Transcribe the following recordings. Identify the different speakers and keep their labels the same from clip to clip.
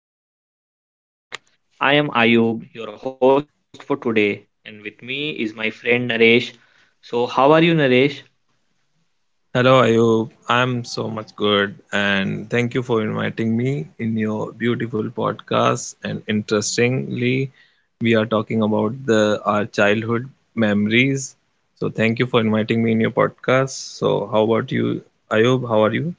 Speaker 1: episode of our podcast. I am Ayub, your host for today, and with me is my friend Naresh. So, how are you, Naresh?
Speaker 2: Hello, Ayub. I'm so much good, and thank you for inviting me in your beautiful podcast. And interestingly, we are talking about the our childhood memories. So thank you for inviting me in your podcast. So how about you, Ayub? How are you?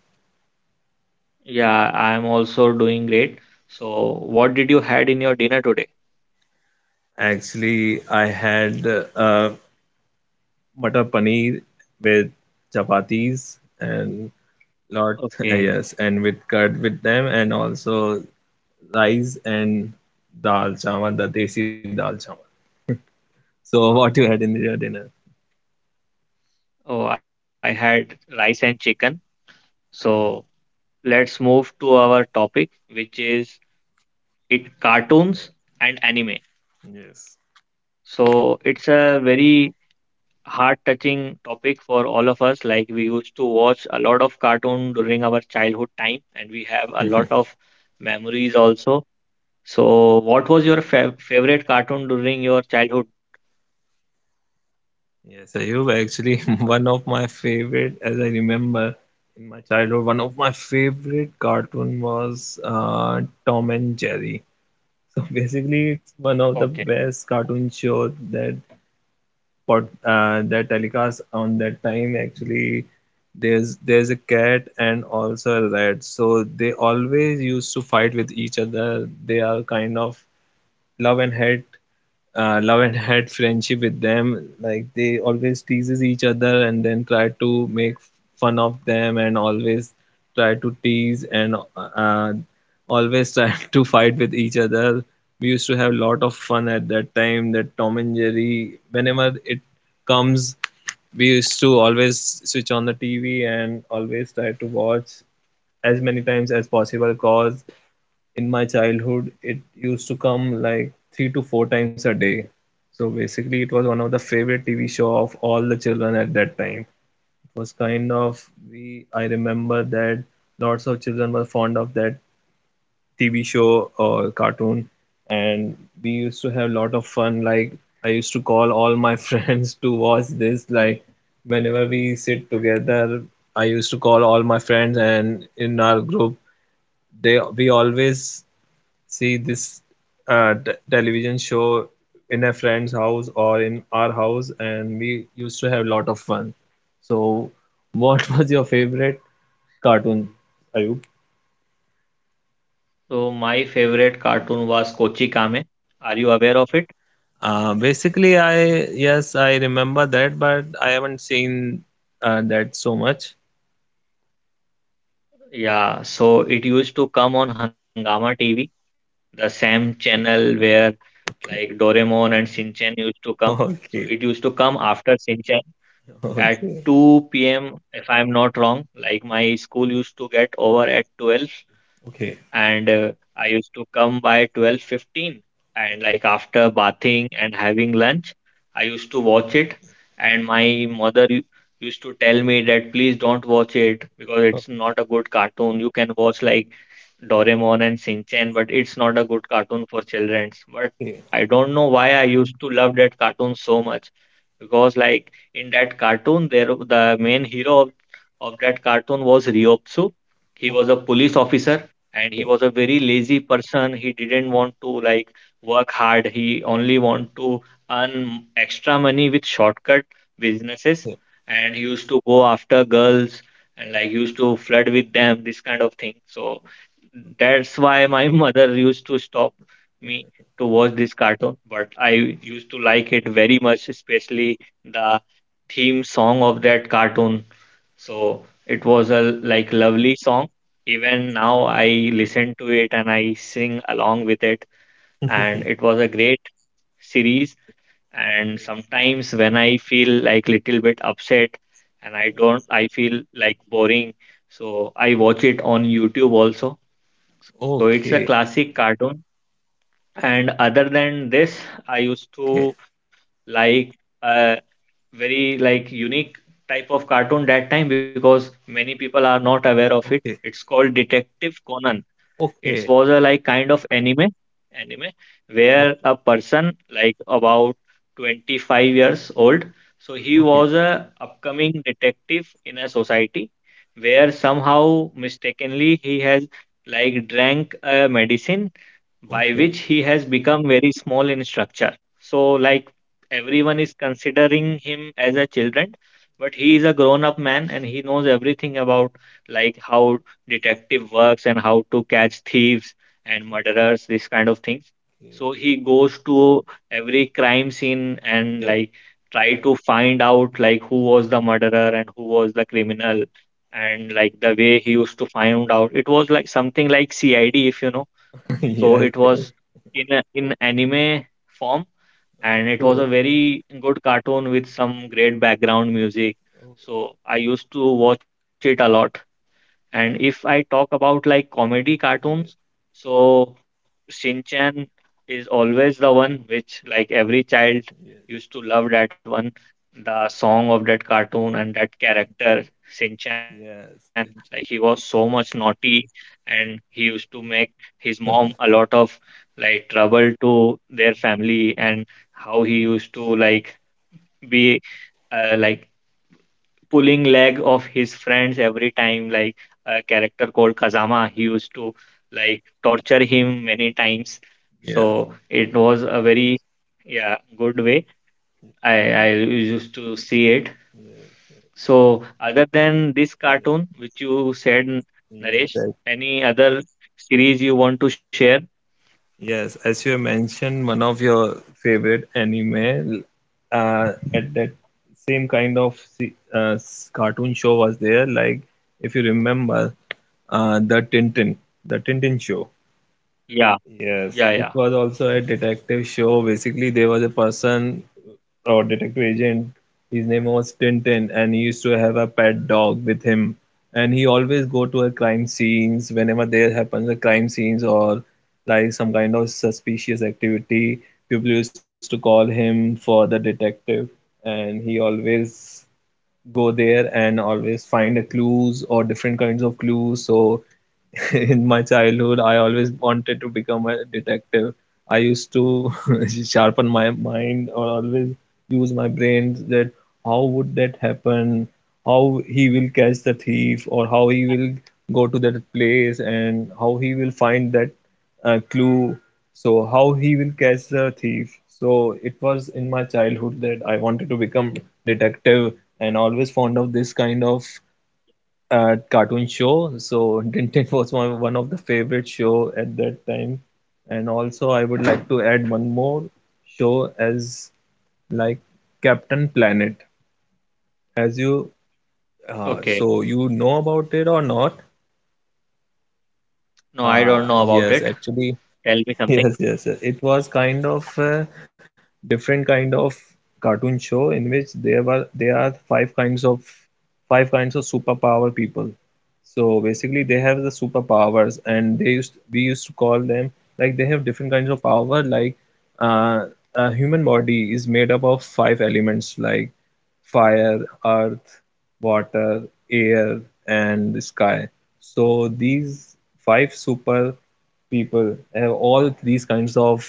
Speaker 1: Yeah, I am also doing great. So, what did you had in your dinner today?
Speaker 2: Actually, I had uh, matar paneer with chapatis and lot
Speaker 1: Okay.
Speaker 2: yes, and with curd with them, and also rice and dal chawal, the desi dal chawal. So what you had in your dinner?
Speaker 1: Oh, I had rice and chicken. So, let's move to our topic, which is it
Speaker 2: Yeah.
Speaker 1: cartoons and anime.
Speaker 2: Yes.
Speaker 1: So, it's a very heart touching topic for all of us. Like we used to watch a lot of cartoon during our childhood time, and we have a lot of memories also. So, what was your favorite cartoon during your childhood?
Speaker 2: Yes, Ayub, actually, one of my favorite, as I remember in my childhood, one of my favorite cartoon was Tom and Jerry. So basically, it's one of the
Speaker 1: Okay.
Speaker 2: best cartoon shows that the telecast on that time. Actually, there's a cat and also a rat, so they always used to fight with each other. They are kind of love and hate, love and hate friendship with them. Like, they always teases each other and then try to make fun of them, and always try to tease and uh, always try to fight with each other. We used to have a lot of fun at that time. That Tom and Jerry, whenever it comes, we used to always switch on the TV and always try to watch as many times as possible, because in my childhood it used to come like three to four times a day. So basically, it was one of the favorite tv show of all the children at that time. It was kind of, we I remember that lots of children were fond of that tv show or cartoon, and we used to have a lot of fun. Like, I used to call all my friends to watch this. Like, whenever we sit together, I used to call all my friends, and in our group, they we always see this television show in a friend's house or in our house, and we used to have a lot of fun. So, what was your favorite cartoon, Ayub?
Speaker 1: So, my favorite cartoon was Kochi Kame. Are you aware of it?
Speaker 2: Basically, I, yes, I remember that, but I haven't seen that so much.
Speaker 1: Yeah, so it used to come on Hangama TV, the same channel where like Doraemon and Shinchan used to come. So it
Speaker 2: Okay,
Speaker 1: used to come after Shinchan, at
Speaker 2: okay,
Speaker 1: 2 p.m. if I'm not wrong. Like my school used to get over at 12,
Speaker 2: okay,
Speaker 1: and I used to come by 12:15, and like after bathing and having lunch I used to watch it. And my mother used to tell me that please don't watch it because
Speaker 2: okay,
Speaker 1: it's not a good cartoon, you can watch like Doraemon and Shinchan, but it's not a good cartoon for children. But
Speaker 2: okay.
Speaker 1: I don't know why I used to love that cartoon so much, because like in that cartoon there, the main hero of that cartoon was Ryotsu. He was a police officer and he was a very lazy person. He didn't want to like work hard, he only want to earn extra money with shortcut businesses, and he used to go after girls and like used to flirt with them, this kind of thing. So that's why my mother used to stop me to watch this cartoon, but I used to like it very much, especially the theme song of that cartoon. So it was a like lovely song. Even now I listen to it and I sing along with it. And it was a great series. And sometimes when I feel like little bit upset and I don't, I feel like boring, so I watch it on YouTube also. So it's a
Speaker 2: Okay,
Speaker 1: classic cartoon. And other than this, I used
Speaker 2: okay,
Speaker 1: to like very like unique type of cartoon that time, because many people are not aware of it.
Speaker 2: okay, okay,
Speaker 1: It's called Detective Conan. It
Speaker 2: okay,
Speaker 1: was a like kind of anime where
Speaker 2: okay,
Speaker 1: a person like about 25 years old. So he
Speaker 2: okay,
Speaker 1: was a upcoming detective in a society where somehow mistakenly he has like drank a medicine by
Speaker 2: okay,
Speaker 1: which he has become very small in structure. So, like everyone is considering him as a children, but he is a grown-up man and he knows everything about like how detective works and how to catch thieves and murderers, these kind of things.
Speaker 2: okay.
Speaker 1: So he goes to every crime scene and
Speaker 2: Yo.
Speaker 1: like try to find out like who was the murderer and who was the criminal, and like the way he used to find out, it was like something like CID, if you know. So
Speaker 2: Yes,
Speaker 1: it
Speaker 2: yes.
Speaker 1: was in in anime form, and it was a
Speaker 2: Okay.
Speaker 1: very good cartoon with some great background music.
Speaker 2: Oh,
Speaker 1: So I used to watch it a lot. And if I talk about like comedy cartoons,
Speaker 2: yes,
Speaker 1: so Shinchan is always the one which like every child
Speaker 2: yes,
Speaker 1: used to love, that one, the song of that cartoon and that character Shinchan.
Speaker 2: yes.
Speaker 1: Like
Speaker 2: Yes,
Speaker 1: he was
Speaker 2: yes, yes,
Speaker 1: so
Speaker 2: yes.
Speaker 1: much naughty and he used to make his mom a lot of like trouble to their family, and how he used to like be like pulling leg of his friends every time, like a character called Kazama, he used to like torture him many times. So it was a very yeah good way I I used to see it. So other than this cartoon which you said
Speaker 2: Yes,
Speaker 1: Naresh,
Speaker 2: right.
Speaker 1: any other series you want to share?
Speaker 2: Yes, as you mentioned, one of your favorite anime, at that same kind of cartoon show was there. Like, if you remember, uh, the Tintin, the Tintin show.
Speaker 1: Yeah,
Speaker 2: Yes,
Speaker 1: yeah,
Speaker 2: it
Speaker 1: yeah.
Speaker 2: was also a detective show. Basically, there was a person or detective agent. His name was Tintin, and he used to have a pet dog with him. And he always go to a crime scenes whenever there happens a crime scenes or like some kind of suspicious activity. People used to call him for the detective, and he always go there and always find a clues or different kinds of clues. So in my childhood, I always wanted to become a detective. I used to sharpen my mind or always use my brains that how would that happen, how he will catch the thief, or how he will go to that place and how he will find that clue, so how he will catch the thief. So it was in my childhood that I wanted to become detective, and always fond of this kind of cartoon show. So Tintin was one of the favorite show at that time. And also, I would like to add one more show as like Captain Planet. As you,
Speaker 1: Okay,
Speaker 2: so you know about it or not?
Speaker 1: no, I don't know about
Speaker 2: Yes,
Speaker 1: it,
Speaker 2: actually,
Speaker 1: tell me something.
Speaker 2: yes, yes, yes. It was kind of a different kind of cartoon show in which there were there are five kinds of superpower people. So basically, they have the superpowers, and they used we used to call them like they have different kinds of power. Like, uh, a human body is made up of five elements, like fire, earth, water, air, and sky. So these five super people have all these kinds of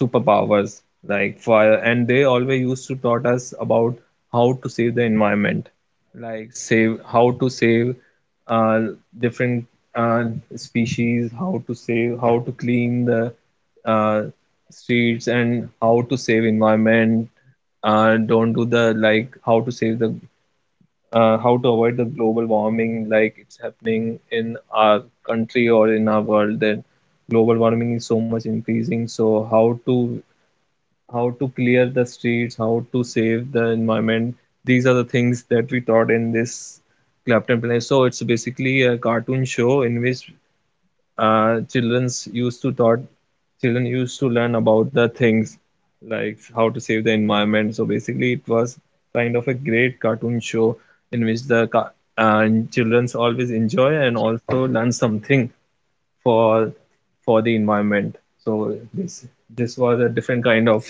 Speaker 2: superpowers, like fire, and they always used to taught us about how to save the environment. Like, save, how to save uh, different uh, species, how to save, how to clean the uh, streets, and how to save environment. Don't do the, like how to save the, how to avoid the global warming, like it's happening in our country or in our world, that global warming is so much increasing. So how to, how to clear the streets, how to save the environment, these are the things that we taught in this Clapton Planet. So it's basically a cartoon show in which children's used to taught, children used to learn about the things like how to save the environment. So basically, it was kind of a great cartoon show in which and children's always enjoy and also learn something for for the environment. So this was a different kind of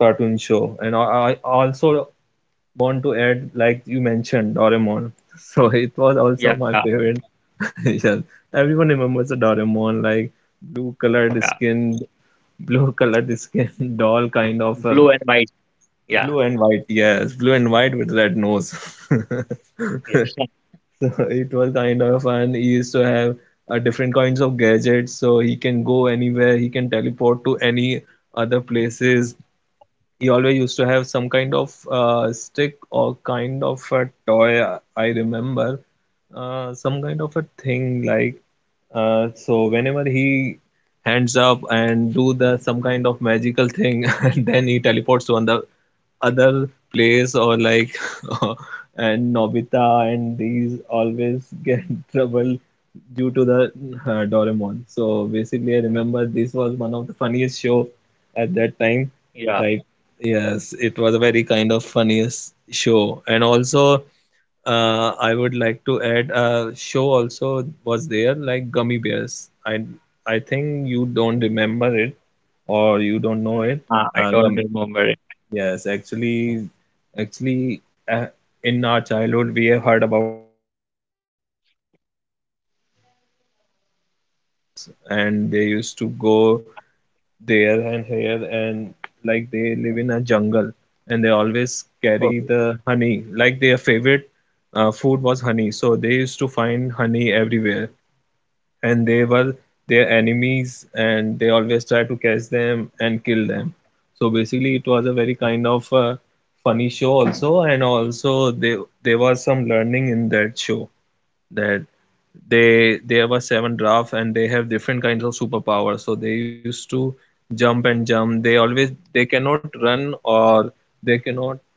Speaker 2: cartoon show. And I also want to add, like you mentioned Doraemon. So it was also my
Speaker 1: Yeah,
Speaker 2: favorite. Yes, everyone remembers the Doraemon, like blue colored
Speaker 1: yeah,
Speaker 2: skin, blue colored skin, doll kind of a
Speaker 1: blue and white, yeah,
Speaker 2: blue and white. Yes, blue and white with red nose.
Speaker 1: yeah,
Speaker 2: So it was kind of fun. He used to have different kinds of gadgets, so he can go anywhere. He can teleport to any other places. He always used to have some kind of stick or kind of a toy. I remember some kind of a thing like. So whenever he hands up and do the some kind of magical thing, and then he teleports to another other place, or like and Nobita and these always get trouble due to the Doraemon. So basically, I remember this was one of the funniest show at that time.
Speaker 1: yeah.
Speaker 2: Like, yes, it was a very kind of funniest show, and also I would like to add a show also was there, like Gummy Bears. I think you don't remember it or you don't know
Speaker 1: Mm,
Speaker 2: it.
Speaker 1: ah, I
Speaker 2: Gummy.
Speaker 1: don't remember it.
Speaker 2: Yes, actually, actually, uh, in our childhood we have heard about the seven drop story. Like, there were seven drops, and they used to go there and here, and like they live in a jungle, and they always carry
Speaker 1: Okay.
Speaker 2: the honey, like their favorite food was honey. So they used to find honey everywhere, and they were their enemies, and they always try to catch them and kill them. So basically, it was a very kind of funny show also. And also, there was some learning in that show, that they have a seven draft and they have different kinds of superpowers. So they used to jump and jump. They always, they cannot run or they cannot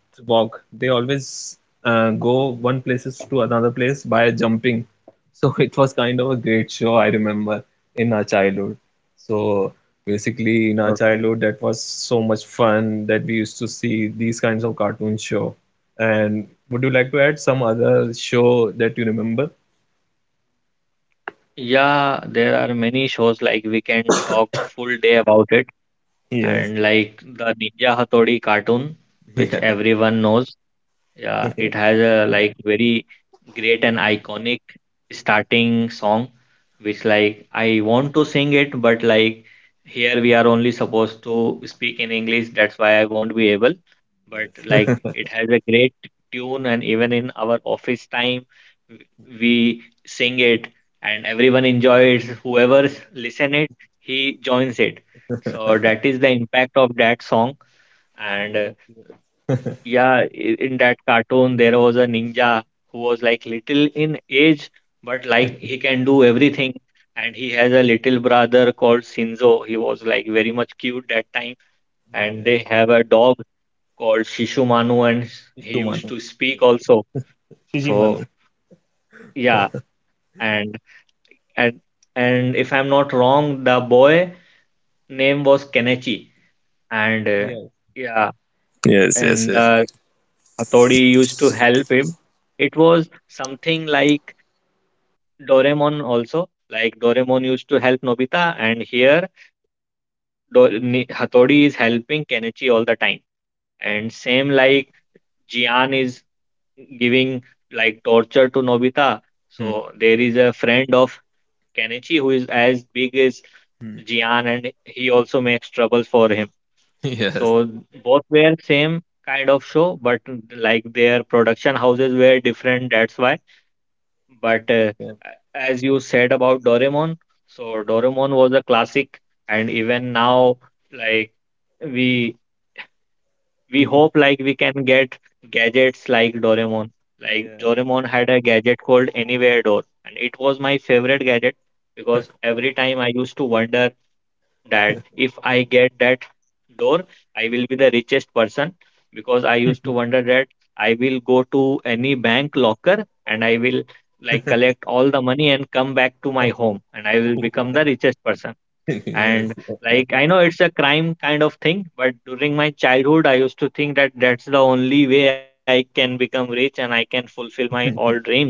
Speaker 2: walk. They always go one places to another place by jumping. So it was kind of a great show, I remember, in our childhood. So basically, in
Speaker 1: Okay.
Speaker 2: our childhood, that was so much fun, that we used to see these kinds of cartoon show. And would you like to add some other show that you remember?
Speaker 1: Yeah, there are many shows like we can talk full day about it,
Speaker 2: Yes.
Speaker 1: and like the Ninja Hattori cartoon, which
Speaker 2: Yeah.
Speaker 1: everyone knows. Yeah, it has a like very great and iconic starting song, which like I want to sing it, but like here we are only supposed to speak in English, that's why I won't be able. But like
Speaker 2: Está
Speaker 1: it has a great tune, and even in our office time, w- we sing it, and everyone enjoys. Whoever
Speaker 2: bien.
Speaker 1: listen it, he joins it. So that is the impact of that song, and
Speaker 2: Yeah,
Speaker 1: yeah, in that cartoon, there was a ninja who was like little in age, but like he can do everything. And he has a little brother called Shinzo. He was like very much cute that time. And
Speaker 2: yeah.
Speaker 1: they have a dog called Shishumanu, and he used
Speaker 2: Shishimano.
Speaker 1: to speak also. So
Speaker 2: Shishimano.
Speaker 1: yeah, and and and if I'm not wrong, the boy name was Kenichi. And
Speaker 2: Yeah.
Speaker 1: yeah, and the Hattori used to help him. It was something like Doraemon also. Like Doraemon used to help Nobita, and here Hattori is helping Kenichi all the time. And same like Jian is giving like torture to Nobita. So
Speaker 3: Hmm.
Speaker 1: there is a friend of Kenichi who is as big as
Speaker 3: Mm.
Speaker 1: Jian, and he also makes trouble for him.
Speaker 3: Yes.
Speaker 1: So both were same kind of show, but like their production houses were different, that's why. But
Speaker 3: Yep.
Speaker 1: as you said about Doraemon, so Doraemon was a classic, and even now, like we we hope like we can get gadgets like Doraemon. Like
Speaker 3: Yes.
Speaker 1: Doraemon had a gadget called Anywhere Door, and it was my favorite gadget, because every time I used to wonder that if I get that door, I will be the richest person, because I
Speaker 3: Yes.
Speaker 1: used to wonder that I will go to any bank locker and I will like collect all the money and come back to my home and I will become the richest person.
Speaker 3: Yes. Yes.
Speaker 1: And like I know it's a crime kind of thing, but during my childhood, I used to think that that's the only way I can become rich and I can fulfill my all dreams.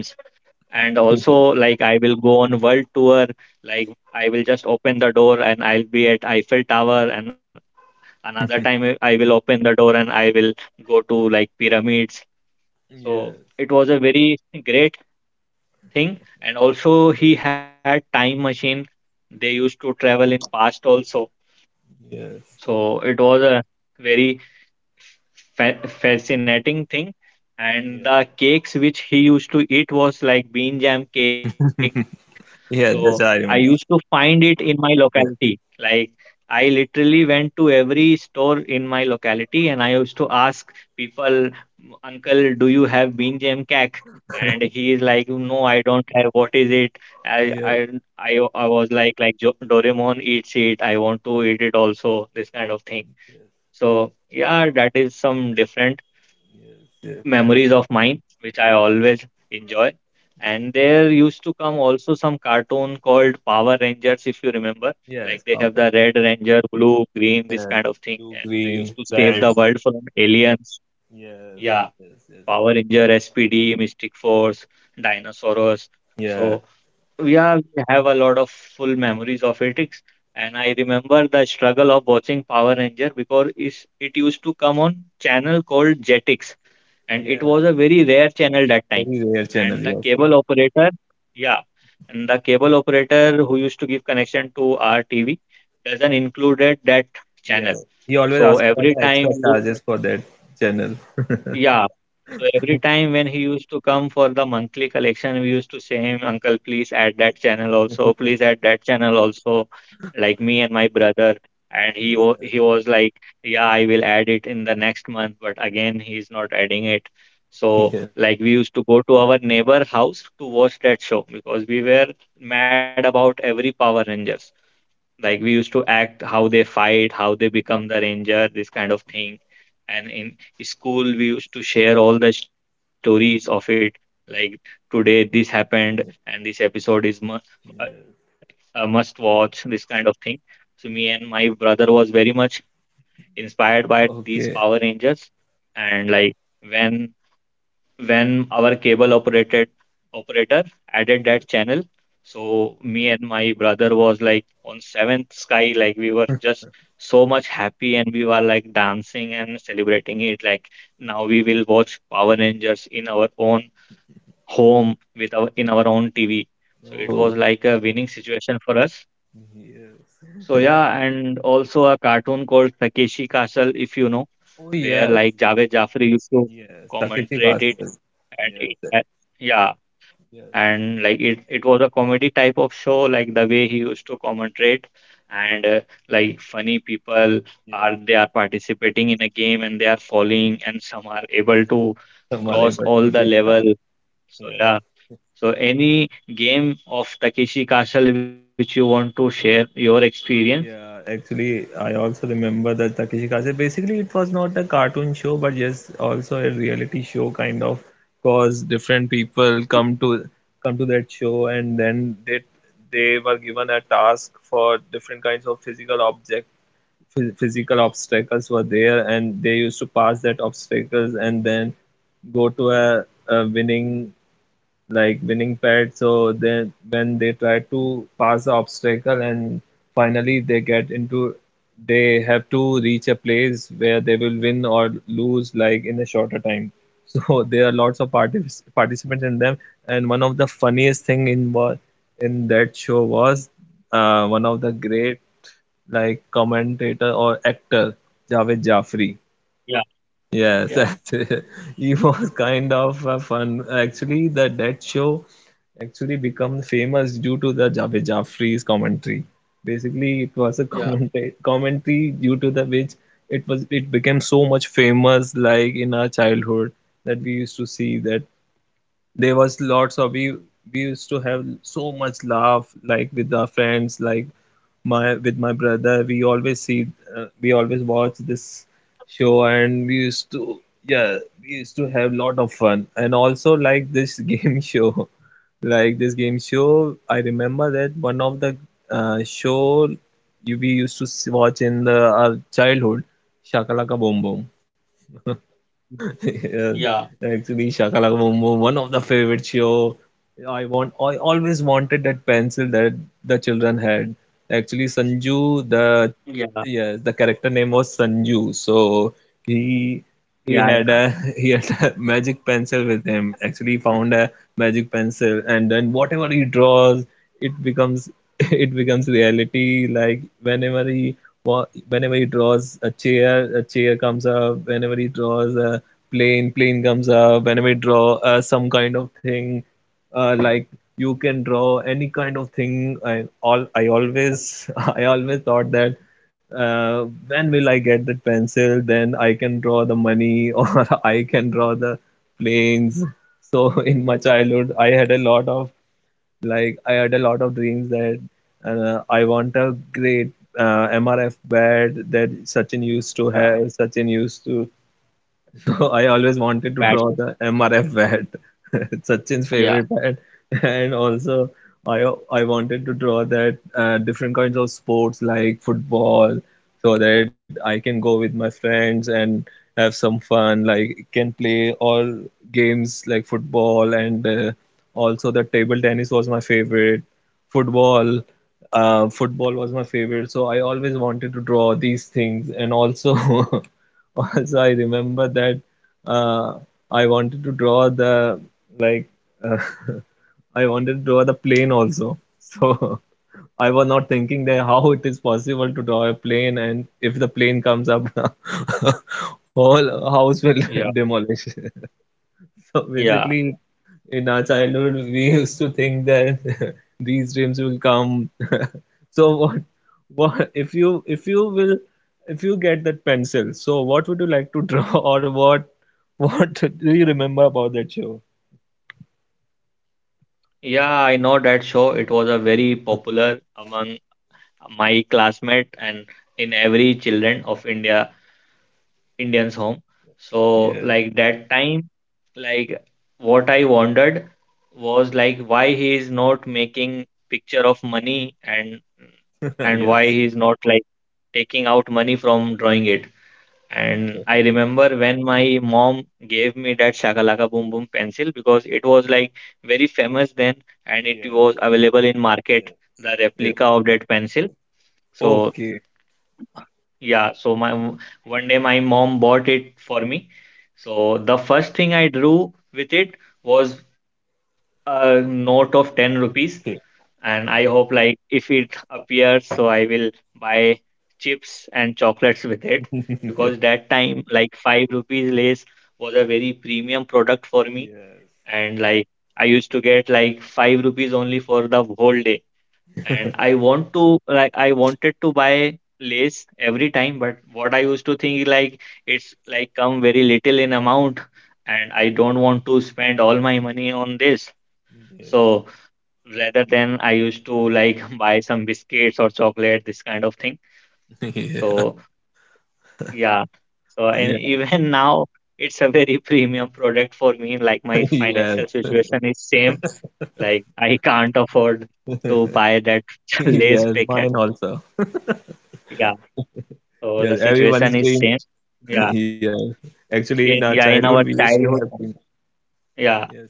Speaker 1: And also like I will go on world tour, like I will just open the door and I'll be at Eiffel Tower, and another time I will open the door and I will go to like pyramids.
Speaker 3: Yes.
Speaker 1: So it was a very great thing, and also
Speaker 3: Yep.
Speaker 1: he had time machine, they used to travel in past also.
Speaker 3: Yes.
Speaker 1: So it was a very fascinating thing. And
Speaker 3: Yes.
Speaker 1: the cakes which he used to eat was like bean jam cake. So
Speaker 3: Yeah, just
Speaker 1: I
Speaker 3: I
Speaker 1: used to
Speaker 3: remember.
Speaker 1: find it in my
Speaker 3: Yeah.
Speaker 1: locality, like I literally went to every store in my locality and I used to ask people, uncle, do you have bean jam cake? And he is like, no, I don't have, what is it? i
Speaker 3: Yes.
Speaker 1: i I was like, "Jo- Doraemon eats it, I want to eat it also," this kind of thing.
Speaker 3: Yes.
Speaker 1: So yeah, that is some different
Speaker 3: Yes. Yes.
Speaker 1: memories of mine, which I always enjoy. And there used to come also some cartoon called Power Rangers, if you remember.
Speaker 3: Yes.
Speaker 1: Like they have
Speaker 3: Yes.
Speaker 1: the red ranger, blue, green, this
Speaker 3: Yes.
Speaker 1: kind of thing.
Speaker 3: Blue,
Speaker 1: And they
Speaker 3: green,
Speaker 1: used to save
Speaker 3: red.
Speaker 1: the world from aliens.
Speaker 3: Yes.
Speaker 1: Yeah,
Speaker 3: Yes. Yes.
Speaker 1: Power Ranger, SPD, Mystic Force, Dinosaurs.
Speaker 3: Yes.
Speaker 1: So yeah, we have a lot of full memories of it. And I
Speaker 3: Yes.
Speaker 1: remember the struggle of watching Power Ranger, because it used to come on channel called Jetix, and it
Speaker 3: Yes.
Speaker 1: was a very rare channel that time.
Speaker 3: Very rare
Speaker 1: And
Speaker 3: channel.
Speaker 1: the
Speaker 3: Yes. Yes.
Speaker 1: cable operator, yeah, and the cable operator who used to give connection to our TV doesn't included that channel.
Speaker 3: Yes. He always
Speaker 1: So
Speaker 3: asks for
Speaker 1: every
Speaker 3: the
Speaker 1: time
Speaker 3: extra charges for that channel.
Speaker 1: yeah. So every time when he used to come for the monthly collection, we used to say him, uncle, please add that channel also, please add that channel also, like me and my brother. And he
Speaker 3: Yeah.
Speaker 1: he was like, yeah, I will add it in the next month, but again he's not adding it. So
Speaker 3: Yeah.
Speaker 1: like we used to go to our neighbor house to watch that show, because we were mad about every Power Rangers. Like we used to act how they fight, how they become the ranger, this kind of thing. And in school, we used to share all the stories of it. Like today, this happened, and
Speaker 3: Yeah.
Speaker 1: this episode is a a
Speaker 3: Yes.
Speaker 1: must watch, this kind of thing. So me and my brother was very much inspired by these Power
Speaker 3: Okay.
Speaker 1: Rangers, and like when when our cable operated operator added
Speaker 3: Yes.
Speaker 1: that channel, so me and my brother was like on seventh sky. Like we were just so much happy and we were like dancing and celebrating it like, now we will watch Power Rangers in our own home with our in our own TV. So it
Speaker 3: Oh.
Speaker 1: was like a winning situation for us.
Speaker 3: Yes.
Speaker 1: So yeah, and also a cartoon called Takeshi Castle, if you know,
Speaker 3: Oh,
Speaker 1: where
Speaker 3: yes.
Speaker 1: like Javed Jafri used to
Speaker 3: Yes. Takeshi
Speaker 1: commentate it.
Speaker 3: Kastel.
Speaker 1: And
Speaker 3: Yes.
Speaker 1: yeah,
Speaker 3: Yes.
Speaker 1: and like it was a comedy type of show, like the way he used to commentate. And like funny people are,
Speaker 3: Yes.
Speaker 1: they are participating in a game and they are falling, and some are able to
Speaker 3: हमारे
Speaker 1: cross
Speaker 3: Bachchu
Speaker 1: all the
Speaker 3: जी बेटा.
Speaker 1: level. So
Speaker 3: Yes.
Speaker 1: yeah, so any game of Takeshi Castle which you want to share your experience?
Speaker 3: Yeah, actually, I also remember that Takeshi Kastel. Basically, it was not a cartoon show, but yes, also a reality show kind of, cause different people come to that show, and then they were given a task for different kinds of physical objects, physical obstacles were there, and they used to pass that obstacles, and then go to a winning, like winning pet. So then when they try to pass the obstacle and finally they get into they have to reach a place where they will win or lose, like in a shorter time. So there are lots of participants in them, and one of the funniest thing in that show was, one of the great, like, commentator or actor, Javed Jafri.
Speaker 1: Yeah,
Speaker 3: Yes,
Speaker 1: yeah,
Speaker 3: that's it. He was kind of a fun. Actually, the that show actually become famous due to the Javed Jaffrey's commentary. Basically, it was a
Speaker 1: yeah,
Speaker 3: commentary due to the which it became so much famous, like in our childhood, that we used to see that there was lots of we used to have so much laugh, like with our friends, like my with my brother, we always watch this show, and we used to, yeah, we used to have lot of fun. And also, like, this game show, I remember that one of the show you we used to watch in the our childhood, Shakalaka Boom Boom.
Speaker 1: yeah, yeah,
Speaker 3: Yes, actually, Shakalaka Boom Boom, one of the favorite show. I always wanted that pencil that the children had. Actually, Sanju,
Speaker 1: yeah,
Speaker 3: the, yes, the character name was Sanju. So he
Speaker 1: yeah,
Speaker 3: he had a he had a magic pencil with him. Actually, he found a magic pencil, and then whatever he draws, it becomes, it becomes reality. Like, whenever he draws a chair comes up. Whenever he draws a plane, plane comes up. When we draw, some kind of thing, like, you can draw any kind of thing. I always I always thought that, when will I get that pencil, then I can draw the money, or I can draw the planes. So in my childhood, I had a lot of dreams that, I want a great, MRF bat that Sachin used to have.
Speaker 1: yeah.
Speaker 3: Sachin used to So I always wanted to draw
Speaker 1: Bad.
Speaker 3: the MRF bat, Sachin's favorite
Speaker 1: Yeah,
Speaker 3: bat, and also I wanted to draw that, different kinds of sports like football, so that I can go with my friends and have some fun. Like, can play all games like football, and, also the table tennis was my favorite. Football, football was my favorite. So I always wanted to draw these things, and also. Also, I remember that, uh, I wanted to draw the like uh, I wanted to draw the plane also. So I was not thinking that how it is possible to draw a plane, and if the plane comes up, whole house will
Speaker 1: yeah,
Speaker 3: demolish. So
Speaker 1: yeah.
Speaker 3: basically, in our childhood, we used to think that these dreams will come. So what if you will if you get that pencil? So what would you like to draw, or what do you remember about that show?
Speaker 1: Yeah, I know that show. It was a very popular among my classmate and in every children of India, Indians home. So
Speaker 3: Yes,
Speaker 1: like that time, like what I wondered was like, why he is not making picture of money? And why
Speaker 3: yes,
Speaker 1: he is not like taking out money from drawing it? And
Speaker 3: yes,
Speaker 1: I remember, when my mom gave me that Shakalaka Boom Boom pencil, because it was like very famous then and it was available in market,
Speaker 3: yes,
Speaker 1: the
Speaker 3: yes.
Speaker 1: replica of that pencil. So
Speaker 3: Okay,
Speaker 1: yeah, so my one day my mom bought it for me.
Speaker 3: yes,
Speaker 1: So the first thing I drew with it was a note of 10 rupees,
Speaker 3: okay,
Speaker 1: and I hope like if it appears, so I will buy chips and chocolates with it,
Speaker 3: yes,
Speaker 1: because that time like five rupees Lays was a very premium product for me,
Speaker 3: yes,
Speaker 1: and like I used to get like five rupees only for the whole day, and I want to like I wanted to buy Lays every time, but what I used to think like, it's like come very little in amount, and I don't want to spend all my money on this. So rather than I used to like buy some biscuits or chocolate, this kind of thing.
Speaker 3: yes.
Speaker 1: So yeah, so and even now it's a very premium product for me. Like
Speaker 3: Yeah,
Speaker 1: my
Speaker 3: yeah,
Speaker 1: financial situation is same. Like I can't afford
Speaker 3: yes,
Speaker 1: to buy that Lay's
Speaker 3: yes,
Speaker 1: packet.
Speaker 3: mine also.
Speaker 1: Yeah, so the
Speaker 3: Yes,
Speaker 1: situation
Speaker 3: everyone's
Speaker 1: is
Speaker 3: dream.
Speaker 1: same. Yeah,
Speaker 3: Yeah. Actually, in our
Speaker 1: in yeah
Speaker 3: childhood,
Speaker 1: in
Speaker 3: we
Speaker 1: our
Speaker 3: used to have
Speaker 1: childhood.
Speaker 3: been.
Speaker 1: Yeah,
Speaker 3: Yes.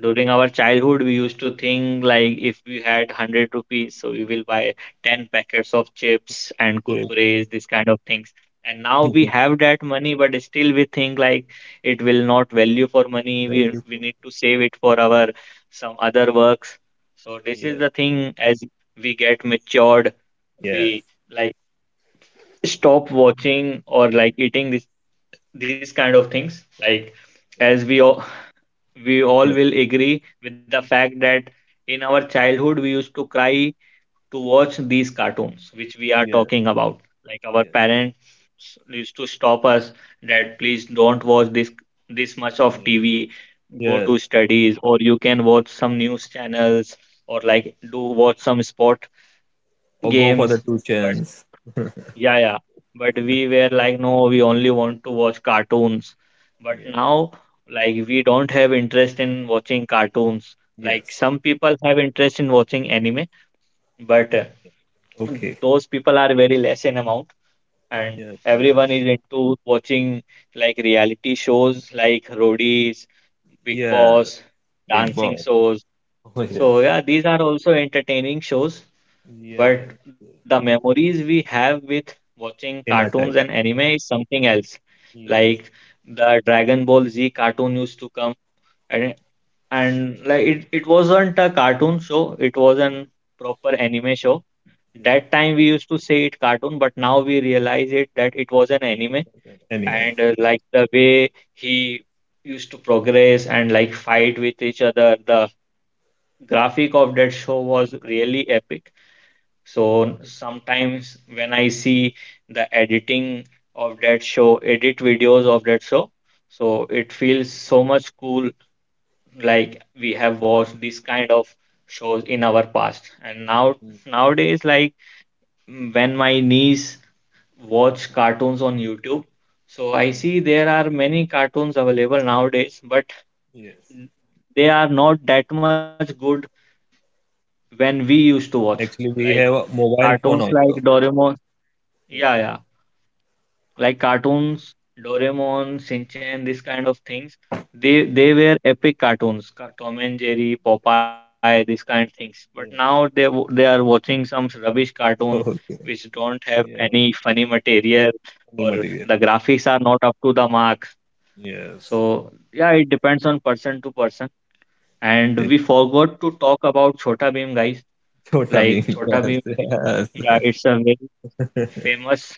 Speaker 1: during our childhood, we used to think like, if we had 100 rupees, so we will buy 10 packets of chips and
Speaker 3: Yes.
Speaker 1: kurkures, this kind of things. And now we have that money, but still we think like it will not value for money. We
Speaker 3: Thank you
Speaker 1: we
Speaker 3: for.
Speaker 1: need to save it for our some other works. So this is the
Speaker 3: Yes.
Speaker 1: thing. As we get matured, we
Speaker 3: Yes.
Speaker 1: like stop watching or like eating this these kind of things. Like as we all
Speaker 3: Yes.
Speaker 1: will agree with the fact that in our childhood we used to cry to watch these cartoons which we are
Speaker 3: Yes.
Speaker 1: talking about, like our
Speaker 3: Yes.
Speaker 1: parents used to stop us that, please don't watch this much of
Speaker 3: Yes.
Speaker 1: TV, go
Speaker 3: Yes.
Speaker 1: to studies, or you can watch some news channels, or like
Speaker 3: Yes.
Speaker 1: do watch some sport
Speaker 3: Or go for the
Speaker 1: games.
Speaker 3: two
Speaker 1: But
Speaker 3: chance.
Speaker 1: yeah, yeah. But we were like, no, we only want to watch cartoons. But
Speaker 3: Yeah.
Speaker 1: now, like, we don't have interest in watching cartoons. Like,
Speaker 3: Yes.
Speaker 1: some people have interest in watching anime, but
Speaker 3: Okay.
Speaker 1: those people are very less in amount. And
Speaker 3: Yes. Yes.
Speaker 1: everyone is into watching like reality shows like Roadies, Big
Speaker 3: Yeah.
Speaker 1: Boss,
Speaker 3: Big
Speaker 1: dancing
Speaker 3: boss.
Speaker 1: shows.
Speaker 3: Oh, yes.
Speaker 1: So yeah, these are also entertaining shows, but
Speaker 3: Yes.
Speaker 1: the memories we have with watching
Speaker 3: In
Speaker 1: cartoons
Speaker 3: our
Speaker 1: and
Speaker 3: childhood.
Speaker 1: anime is something else. Like
Speaker 3: Yes.
Speaker 1: the Dragon Ball Z cartoon used to come, and and like it wasn't a cartoon show, it was an proper anime show. That
Speaker 3: Yes.
Speaker 1: time we used to say it cartoon, but now we realize it that it was an anime.
Speaker 3: Anyway.
Speaker 1: And like the way he used to progress and like fight with each other, the graphic of that show was really epic. So sometimes when I see the editing of that show, edit videos of that show, so it feels so much cool, like we have watched this kind of shows in our past. And now
Speaker 3: Mm.
Speaker 1: nowadays like, when my niece watch cartoons on YouTube, so I
Speaker 3: Mm.
Speaker 1: see there are many cartoons available nowadays, but
Speaker 3: Yes.
Speaker 1: they are not that much good when we used to watch
Speaker 3: Actually, we
Speaker 1: like
Speaker 3: have a mobile phone
Speaker 1: cartoons like
Speaker 3: also.
Speaker 1: Doraemon. Yeah,
Speaker 3: Yes.
Speaker 1: yeah. Like cartoons, Doraemon, Shinchan, this kind of things. They were epic cartoons, Tom and Jerry, Popeye, this kind of things. But now
Speaker 3: Yes.
Speaker 1: they are watching some rubbish cartoon which
Speaker 3: Okay.
Speaker 1: don't have any
Speaker 3: Yeah.
Speaker 1: funny material or
Speaker 3: Any
Speaker 1: the
Speaker 3: material.
Speaker 1: graphics are not up to the mark.
Speaker 3: Yes.
Speaker 1: So yeah, it depends on person to person. And we forgot to talk about Chhota Bheem, guys.
Speaker 3: Chota
Speaker 1: Like
Speaker 3: Bheem.
Speaker 1: Chhota
Speaker 3: Yes,
Speaker 1: Bheem,
Speaker 3: yes.
Speaker 1: yeah, it's a very famous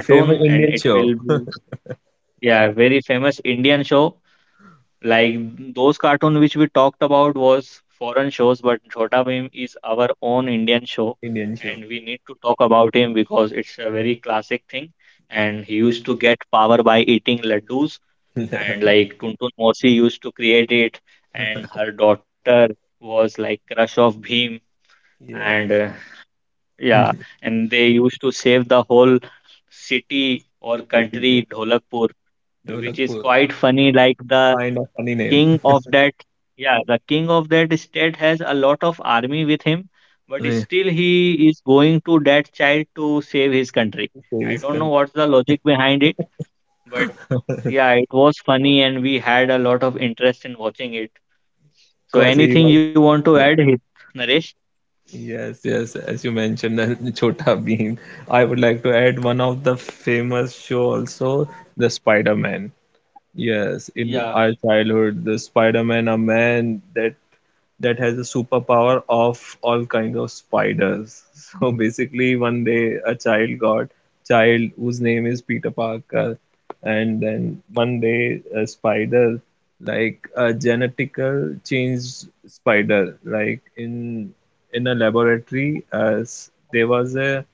Speaker 3: Famous
Speaker 1: and
Speaker 3: Indian
Speaker 1: it
Speaker 3: show.
Speaker 1: will be, yeah, very famous Indian show. Like those cartoon which we talked about was foreign shows, but Chhota Bhim is our own Indian show,
Speaker 3: Indian show.
Speaker 1: and we need to talk about him because it's a very classic thing. And he used to get power by eating laddus,
Speaker 3: Yeah.
Speaker 1: and like Tuntun Mosi used to create it, and her daughter was like crush of Bhim,
Speaker 3: Yes.
Speaker 1: and yeah, and they used to save the whole city or
Speaker 3: City,
Speaker 1: country, Dholakpur, which is
Speaker 3: Dholakpur.
Speaker 1: quite funny. Like the
Speaker 3: Find a funny name.
Speaker 1: king of that, yeah, the king of that state has a lot of army with him, but
Speaker 3: Yeah.
Speaker 1: still he is going to that child to save his country. I don't
Speaker 3: Save.
Speaker 1: know what's the logic behind it, but yeah, it was funny and we had a lot of interest in watching it. So
Speaker 3: Because he
Speaker 1: anything
Speaker 3: was.
Speaker 1: you want to add,
Speaker 3: Yeah.
Speaker 1: Naresh?
Speaker 3: Yes, yes. As you mentioned, that Chota Bheem. I would like to add one of the famous show also, the Spider-Man. Yes, in
Speaker 1: Yeah,
Speaker 3: our childhood, the Spider-Man, a man that has a superpower of all kind of spiders. So basically, one day a child whose name is Peter Parker. And then one day a spider, like a genetical changed spider, like in a laboratory, as there was a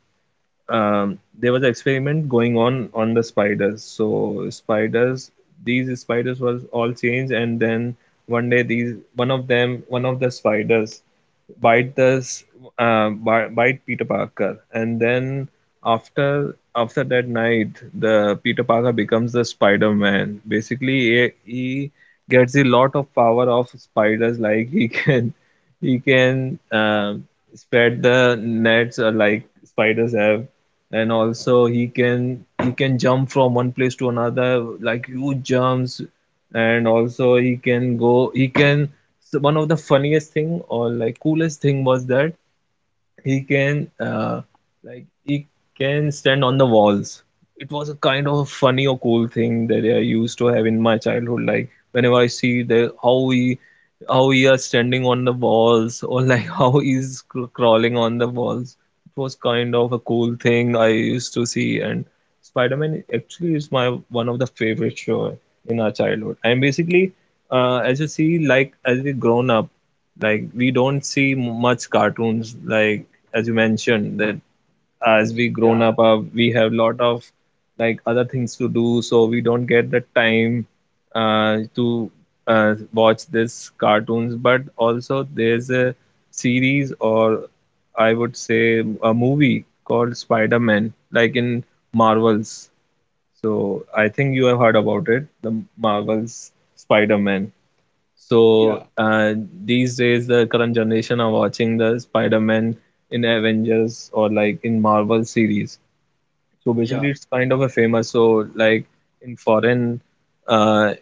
Speaker 3: um, there was an experiment going on the spiders. So spiders, these spiders was all changed, and then one day these one of them, one of the spiders, bite this bite Peter Parker. And then after that night, the Peter Parker becomes the Spider Man. Basically, he gets a lot of power of spiders. Like, he can spread the nets, or like spiders have, and also he can jump from one place to another, like huge jumps. And also he can go he can so one of the funniest thing or like coolest thing was that he can uh, he can stand on the walls. It was a kind of funny or cool thing that I used to have in my childhood, like, whenever I see the, how he are standing on the walls, or like how he's crawling on the walls. It was kind of a cool thing I used to see. And Spider-Man actually is my one of the favorite show in our childhood. And basically, as you see, like, as we grown up, like, we don't see much cartoons. Like, as you mentioned, that, as we grown
Speaker 1: yeah,
Speaker 3: up, we have lot of, like, other things to do, so we don't get the time, to, watch this cartoons. But also there's a series, or I would say a movie called Spider-Man, like in Marvels. So I think you have heard about it, the Marvels Spider-Man. So,
Speaker 1: yeah,
Speaker 3: these days, the current generation are watching the Spider-Man in Avengers, or like in Marvel series. So basically,
Speaker 1: yeah.
Speaker 3: it's kind of a famous. So, like, in foreign, uh,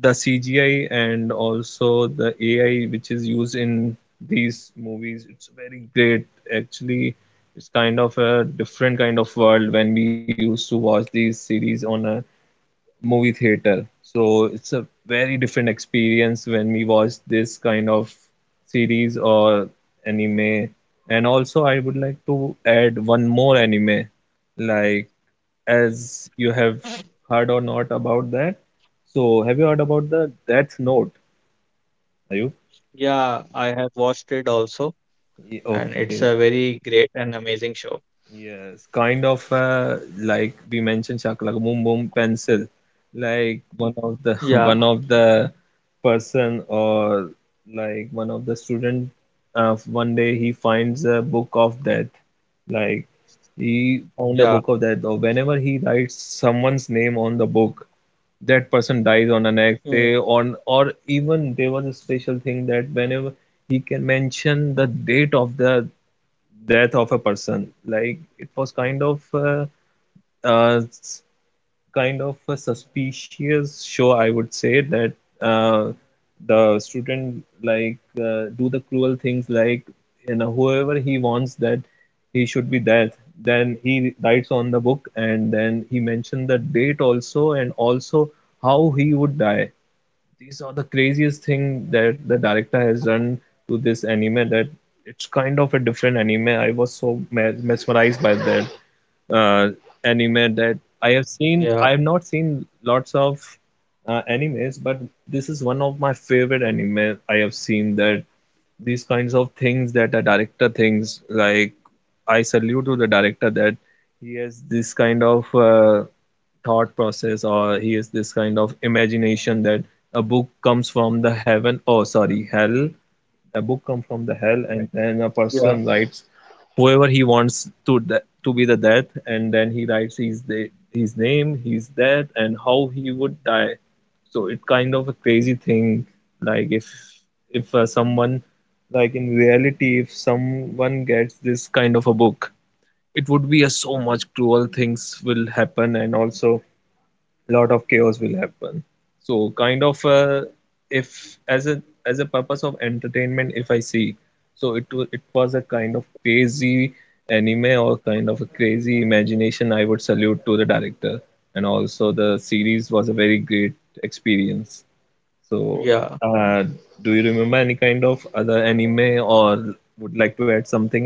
Speaker 3: the CGI and also the AI which is used in these movies, it's very great. Actually, it's kind of a different kind of world when we used to watch these series on a movie theater. So it's a very different experience when we watch this kind of series or anime. And also, I would like to add one more anime, like, as you have heard or not about that. So, have you heard about the Death Note? Are you?
Speaker 1: Yeah, I have watched it also, and it's a very
Speaker 3: Okay.
Speaker 1: great and amazing show.
Speaker 3: Yes, kind of, like we mentioned, Shaka, like, boom boom pencil, like one
Speaker 1: Yeah,
Speaker 3: of the one of the person, or like one of the student. One day he finds a book of that, like,
Speaker 1: yeah,
Speaker 3: he found a book of that. Or whenever he writes someone's name on the book, that person
Speaker 1: mm,
Speaker 3: dies on the next day. On Or even there was a special thing, that whenever he can mention the date of the death of a person. Like, it was kind of, uh, kind of a suspicious show, I would say, that, uh, the student, like, do the cruel things. Like, whoever he wants that he should be death, then he writes on the book, and then he mentioned the date also, and also how he would die. These are the craziest thing that the director has done to this anime, that it's kind of a different anime. I was so mesmerized by that, uh, anime
Speaker 1: yeah.
Speaker 3: that I have seen. I have not seen lots of, animes, but this is one of my favorite anime I have seen. That these kinds of things that a director thinks, like, I salute to the director, that he has this kind of, thought process, or he has this kind of imagination, that a book comes from the heaven, oh, sorry, hell. The book comes from the hell,
Speaker 1: Yeah,
Speaker 3: and then a person writes whoever he wants to to be the death, and then he writes his name, his death, and how he would die. So it's kind of a crazy thing. Like, if someone, like in reality, if someone gets this kind of a book, it would be a so much cruel things will happen, and also lot of chaos will happen. So, kind of, if, as a, purpose of entertainment, if I see, so it was a kind of crazy anime, or kind of a crazy imagination. I would salute to the director, and also the series was a very great experience. So,
Speaker 1: yeah,
Speaker 3: uh, do you remember any kind of other anime, or would like to add something?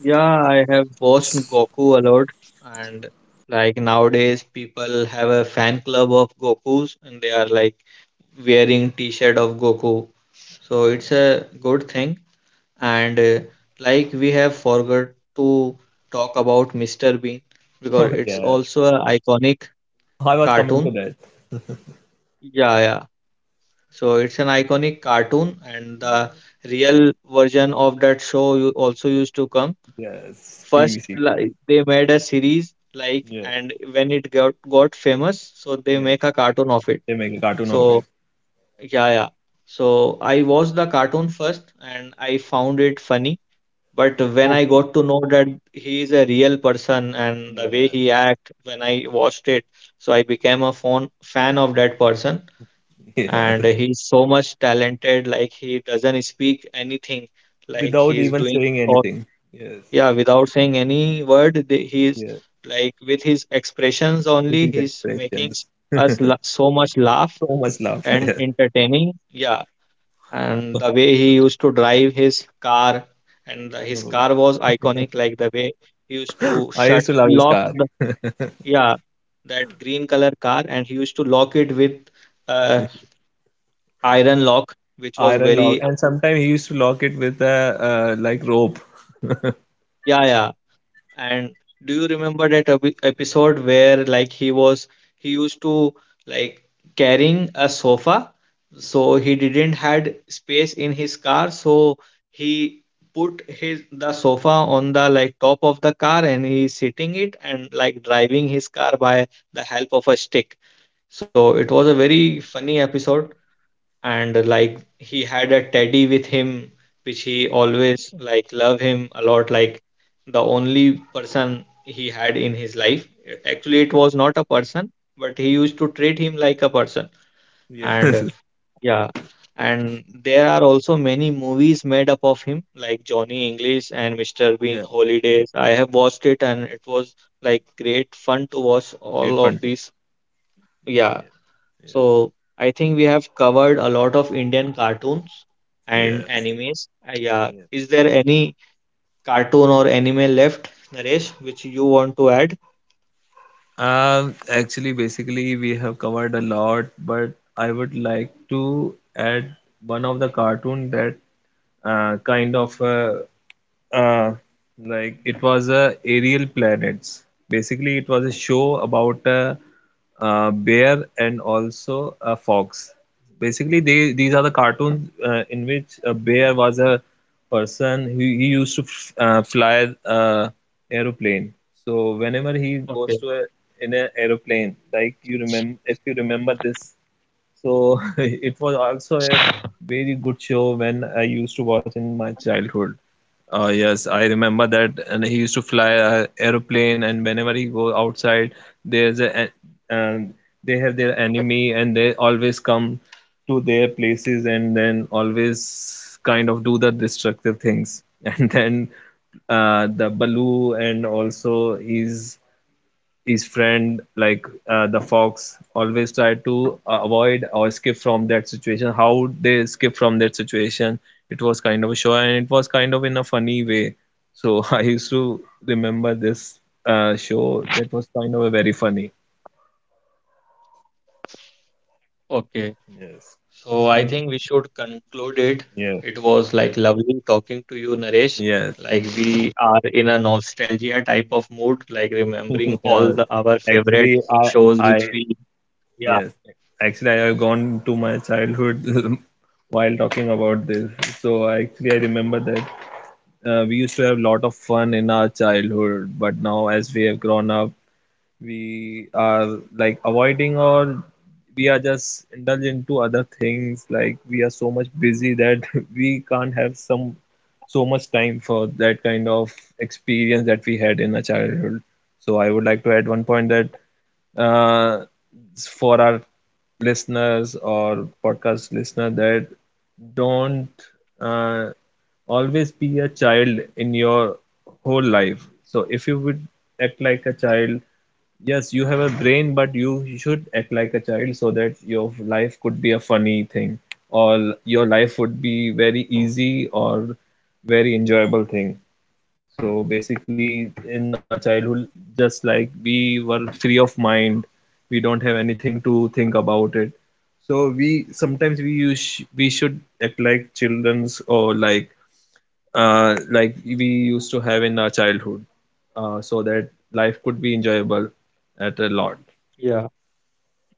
Speaker 1: yeah. I have watched Goku a lot, and like nowadays, people have a fan club of Goku's, and they are like wearing T-shirt of Goku. So it's a good thing. And like we have forgot to talk about Mr. Bean because
Speaker 4: Oh,
Speaker 1: it's
Speaker 4: yeah.
Speaker 1: also an iconic
Speaker 4: I was coming
Speaker 1: cartoon.
Speaker 4: to that.
Speaker 1: Yeah, yeah. So it's an iconic cartoon, and the
Speaker 4: Yeah.
Speaker 1: real version of that show you also used to come.
Speaker 4: Yes, TV
Speaker 1: First,
Speaker 4: series. Yes.
Speaker 1: like they made a series like,
Speaker 4: Yes.
Speaker 1: and when it got famous, so they
Speaker 4: Yes.
Speaker 1: make a cartoon of it.
Speaker 4: They make a cartoon
Speaker 1: So
Speaker 4: of it.
Speaker 1: yeah, yeah, so I watched the cartoon first and I found it funny, but when I
Speaker 4: Okay.
Speaker 1: got to know that he is a real person and the way
Speaker 4: Yeah.
Speaker 1: he act when I watched it, so I became a phone fan of that person.
Speaker 4: Yeah.
Speaker 1: And he's so much talented, like he doesn't speak anything, like
Speaker 4: Without
Speaker 1: he's
Speaker 4: even
Speaker 1: doing
Speaker 4: saying
Speaker 1: all,
Speaker 4: anything. Yes.
Speaker 1: yeah, without saying any word he is
Speaker 4: Yeah.
Speaker 1: like with his expressions only
Speaker 4: Using the
Speaker 1: he's
Speaker 4: expressions.
Speaker 1: so much laugh
Speaker 4: So much love.
Speaker 1: and
Speaker 4: Yeah.
Speaker 1: entertaining. Yeah, and the way he used to drive his car, and the- his
Speaker 4: So,
Speaker 1: car was iconic, like the way he used to
Speaker 4: I
Speaker 1: shut
Speaker 4: used to love his
Speaker 1: lock
Speaker 4: car.
Speaker 1: the, yeah, that green color car, and he used to lock it with uh, iron lock, which was
Speaker 4: Iron lock.
Speaker 1: very,
Speaker 4: And sometimes he used to lock it with a like rope.
Speaker 1: yeah, yeah. And do you remember that episode where like he used to like carrying a sofa, so he didn't had space in his car, so he put his the sofa on the like top of the car, and he's sitting it and like driving his car by the help of a stick. So it was a very funny episode. And like he had a teddy with him, which he always like love him a lot, like the only person he had in his life. Actually it was not a person, but he used to treat him like a person.
Speaker 5: Yeah.
Speaker 1: And yeah, and there are also many movies made up of him, like Johnny English and Mr. Bean
Speaker 5: Yeah.
Speaker 1: Holidays. I have watched it
Speaker 5: Yeah.
Speaker 1: and it was like great fun to watch
Speaker 5: Great
Speaker 1: all
Speaker 5: fun.
Speaker 1: of these. Yeah,
Speaker 5: Yeah. Yeah.
Speaker 1: so I think we have covered a lot of Indian cartoons and
Speaker 5: Yes.
Speaker 1: animes. Yeah,
Speaker 5: Yeah.
Speaker 1: is there any cartoon or anime left, Naresh, which you want to add?
Speaker 5: Basically, we have covered a lot, but I would like to add one of the cartoon that uh, kind of uh, uh, like it was a aerial planets. Basically, it was a show about a bear and also a fox. Basically, they these are the cartoons in which a bear was a person who he used to fly aeroplane. So whenever he
Speaker 1: Okay,
Speaker 5: goes to a, in an aeroplane, like you remember, if you remember this so it was also a very good show when I used to watch in my childhood. Yes, I remember that, and he used to fly a aeroplane, and whenever he go outside, there's a- and they have their enemy, and they always come to their places, and then always kind of do the destructive things, and then the Baloo, and also his friend like the fox always try to avoid or escape from that situation, how they escape from that situation. It was kind of a show and it was kind of in a funny way so I used to remember this show that was kind of a very funny.
Speaker 1: okay.
Speaker 5: Yes.
Speaker 1: So I think we should conclude it.
Speaker 5: Yeah.
Speaker 1: It was like lovely talking to you, Naresh.
Speaker 5: Yes.
Speaker 1: Like we are in a nostalgia type of mood, like remembering all
Speaker 5: Yes,
Speaker 1: the, our favorite
Speaker 5: actually
Speaker 1: shows
Speaker 5: I
Speaker 1: which yeah,
Speaker 5: yes, actually I have gone to my childhood while talking about this. So actually I remember that we used to have a lot of fun in our childhood, but now as we have grown up, we are like avoiding or we are just indulged into other things. Like we are so much busy that we can't have some so much time for that kind of experience that we had in our childhood. So I would like to add one point that uh, for our listeners or podcast listener, that don't uh, always be a child in your whole life. So if you would act like a child, yes, you have a brain, but you should act like a child so that your life could be a funny thing, or your life would be very easy or very enjoyable thing. So basically, in our childhood, just like we were free of mind, we don't have anything to think about it. So we sometimes we use we should act like childrens or like we used to have in our childhood, so that life could be enjoyable at a lot.
Speaker 1: yeah,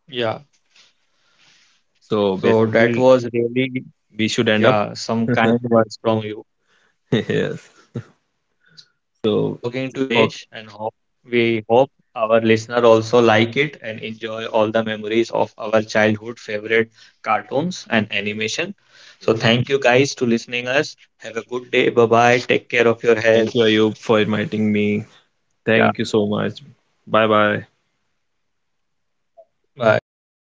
Speaker 1: yeah.
Speaker 5: So
Speaker 1: So that
Speaker 5: basically,
Speaker 1: was really,
Speaker 5: we should end up.
Speaker 1: yeah, some kind words from you. Yeah.
Speaker 5: Yes.
Speaker 1: So it was lovely talking
Speaker 5: So
Speaker 1: to you,
Speaker 5: okay,
Speaker 1: Naresh, and hope we hope our listener also like it and enjoy all the memories of our childhood favorite cartoons and animation. So thank you guys to listening us. Have a good day. Bye bye. Take care of your health.
Speaker 5: thank you Ayub for inviting me.
Speaker 1: Yeah.
Speaker 5: Thank you so much. Bye bye.
Speaker 1: Bye.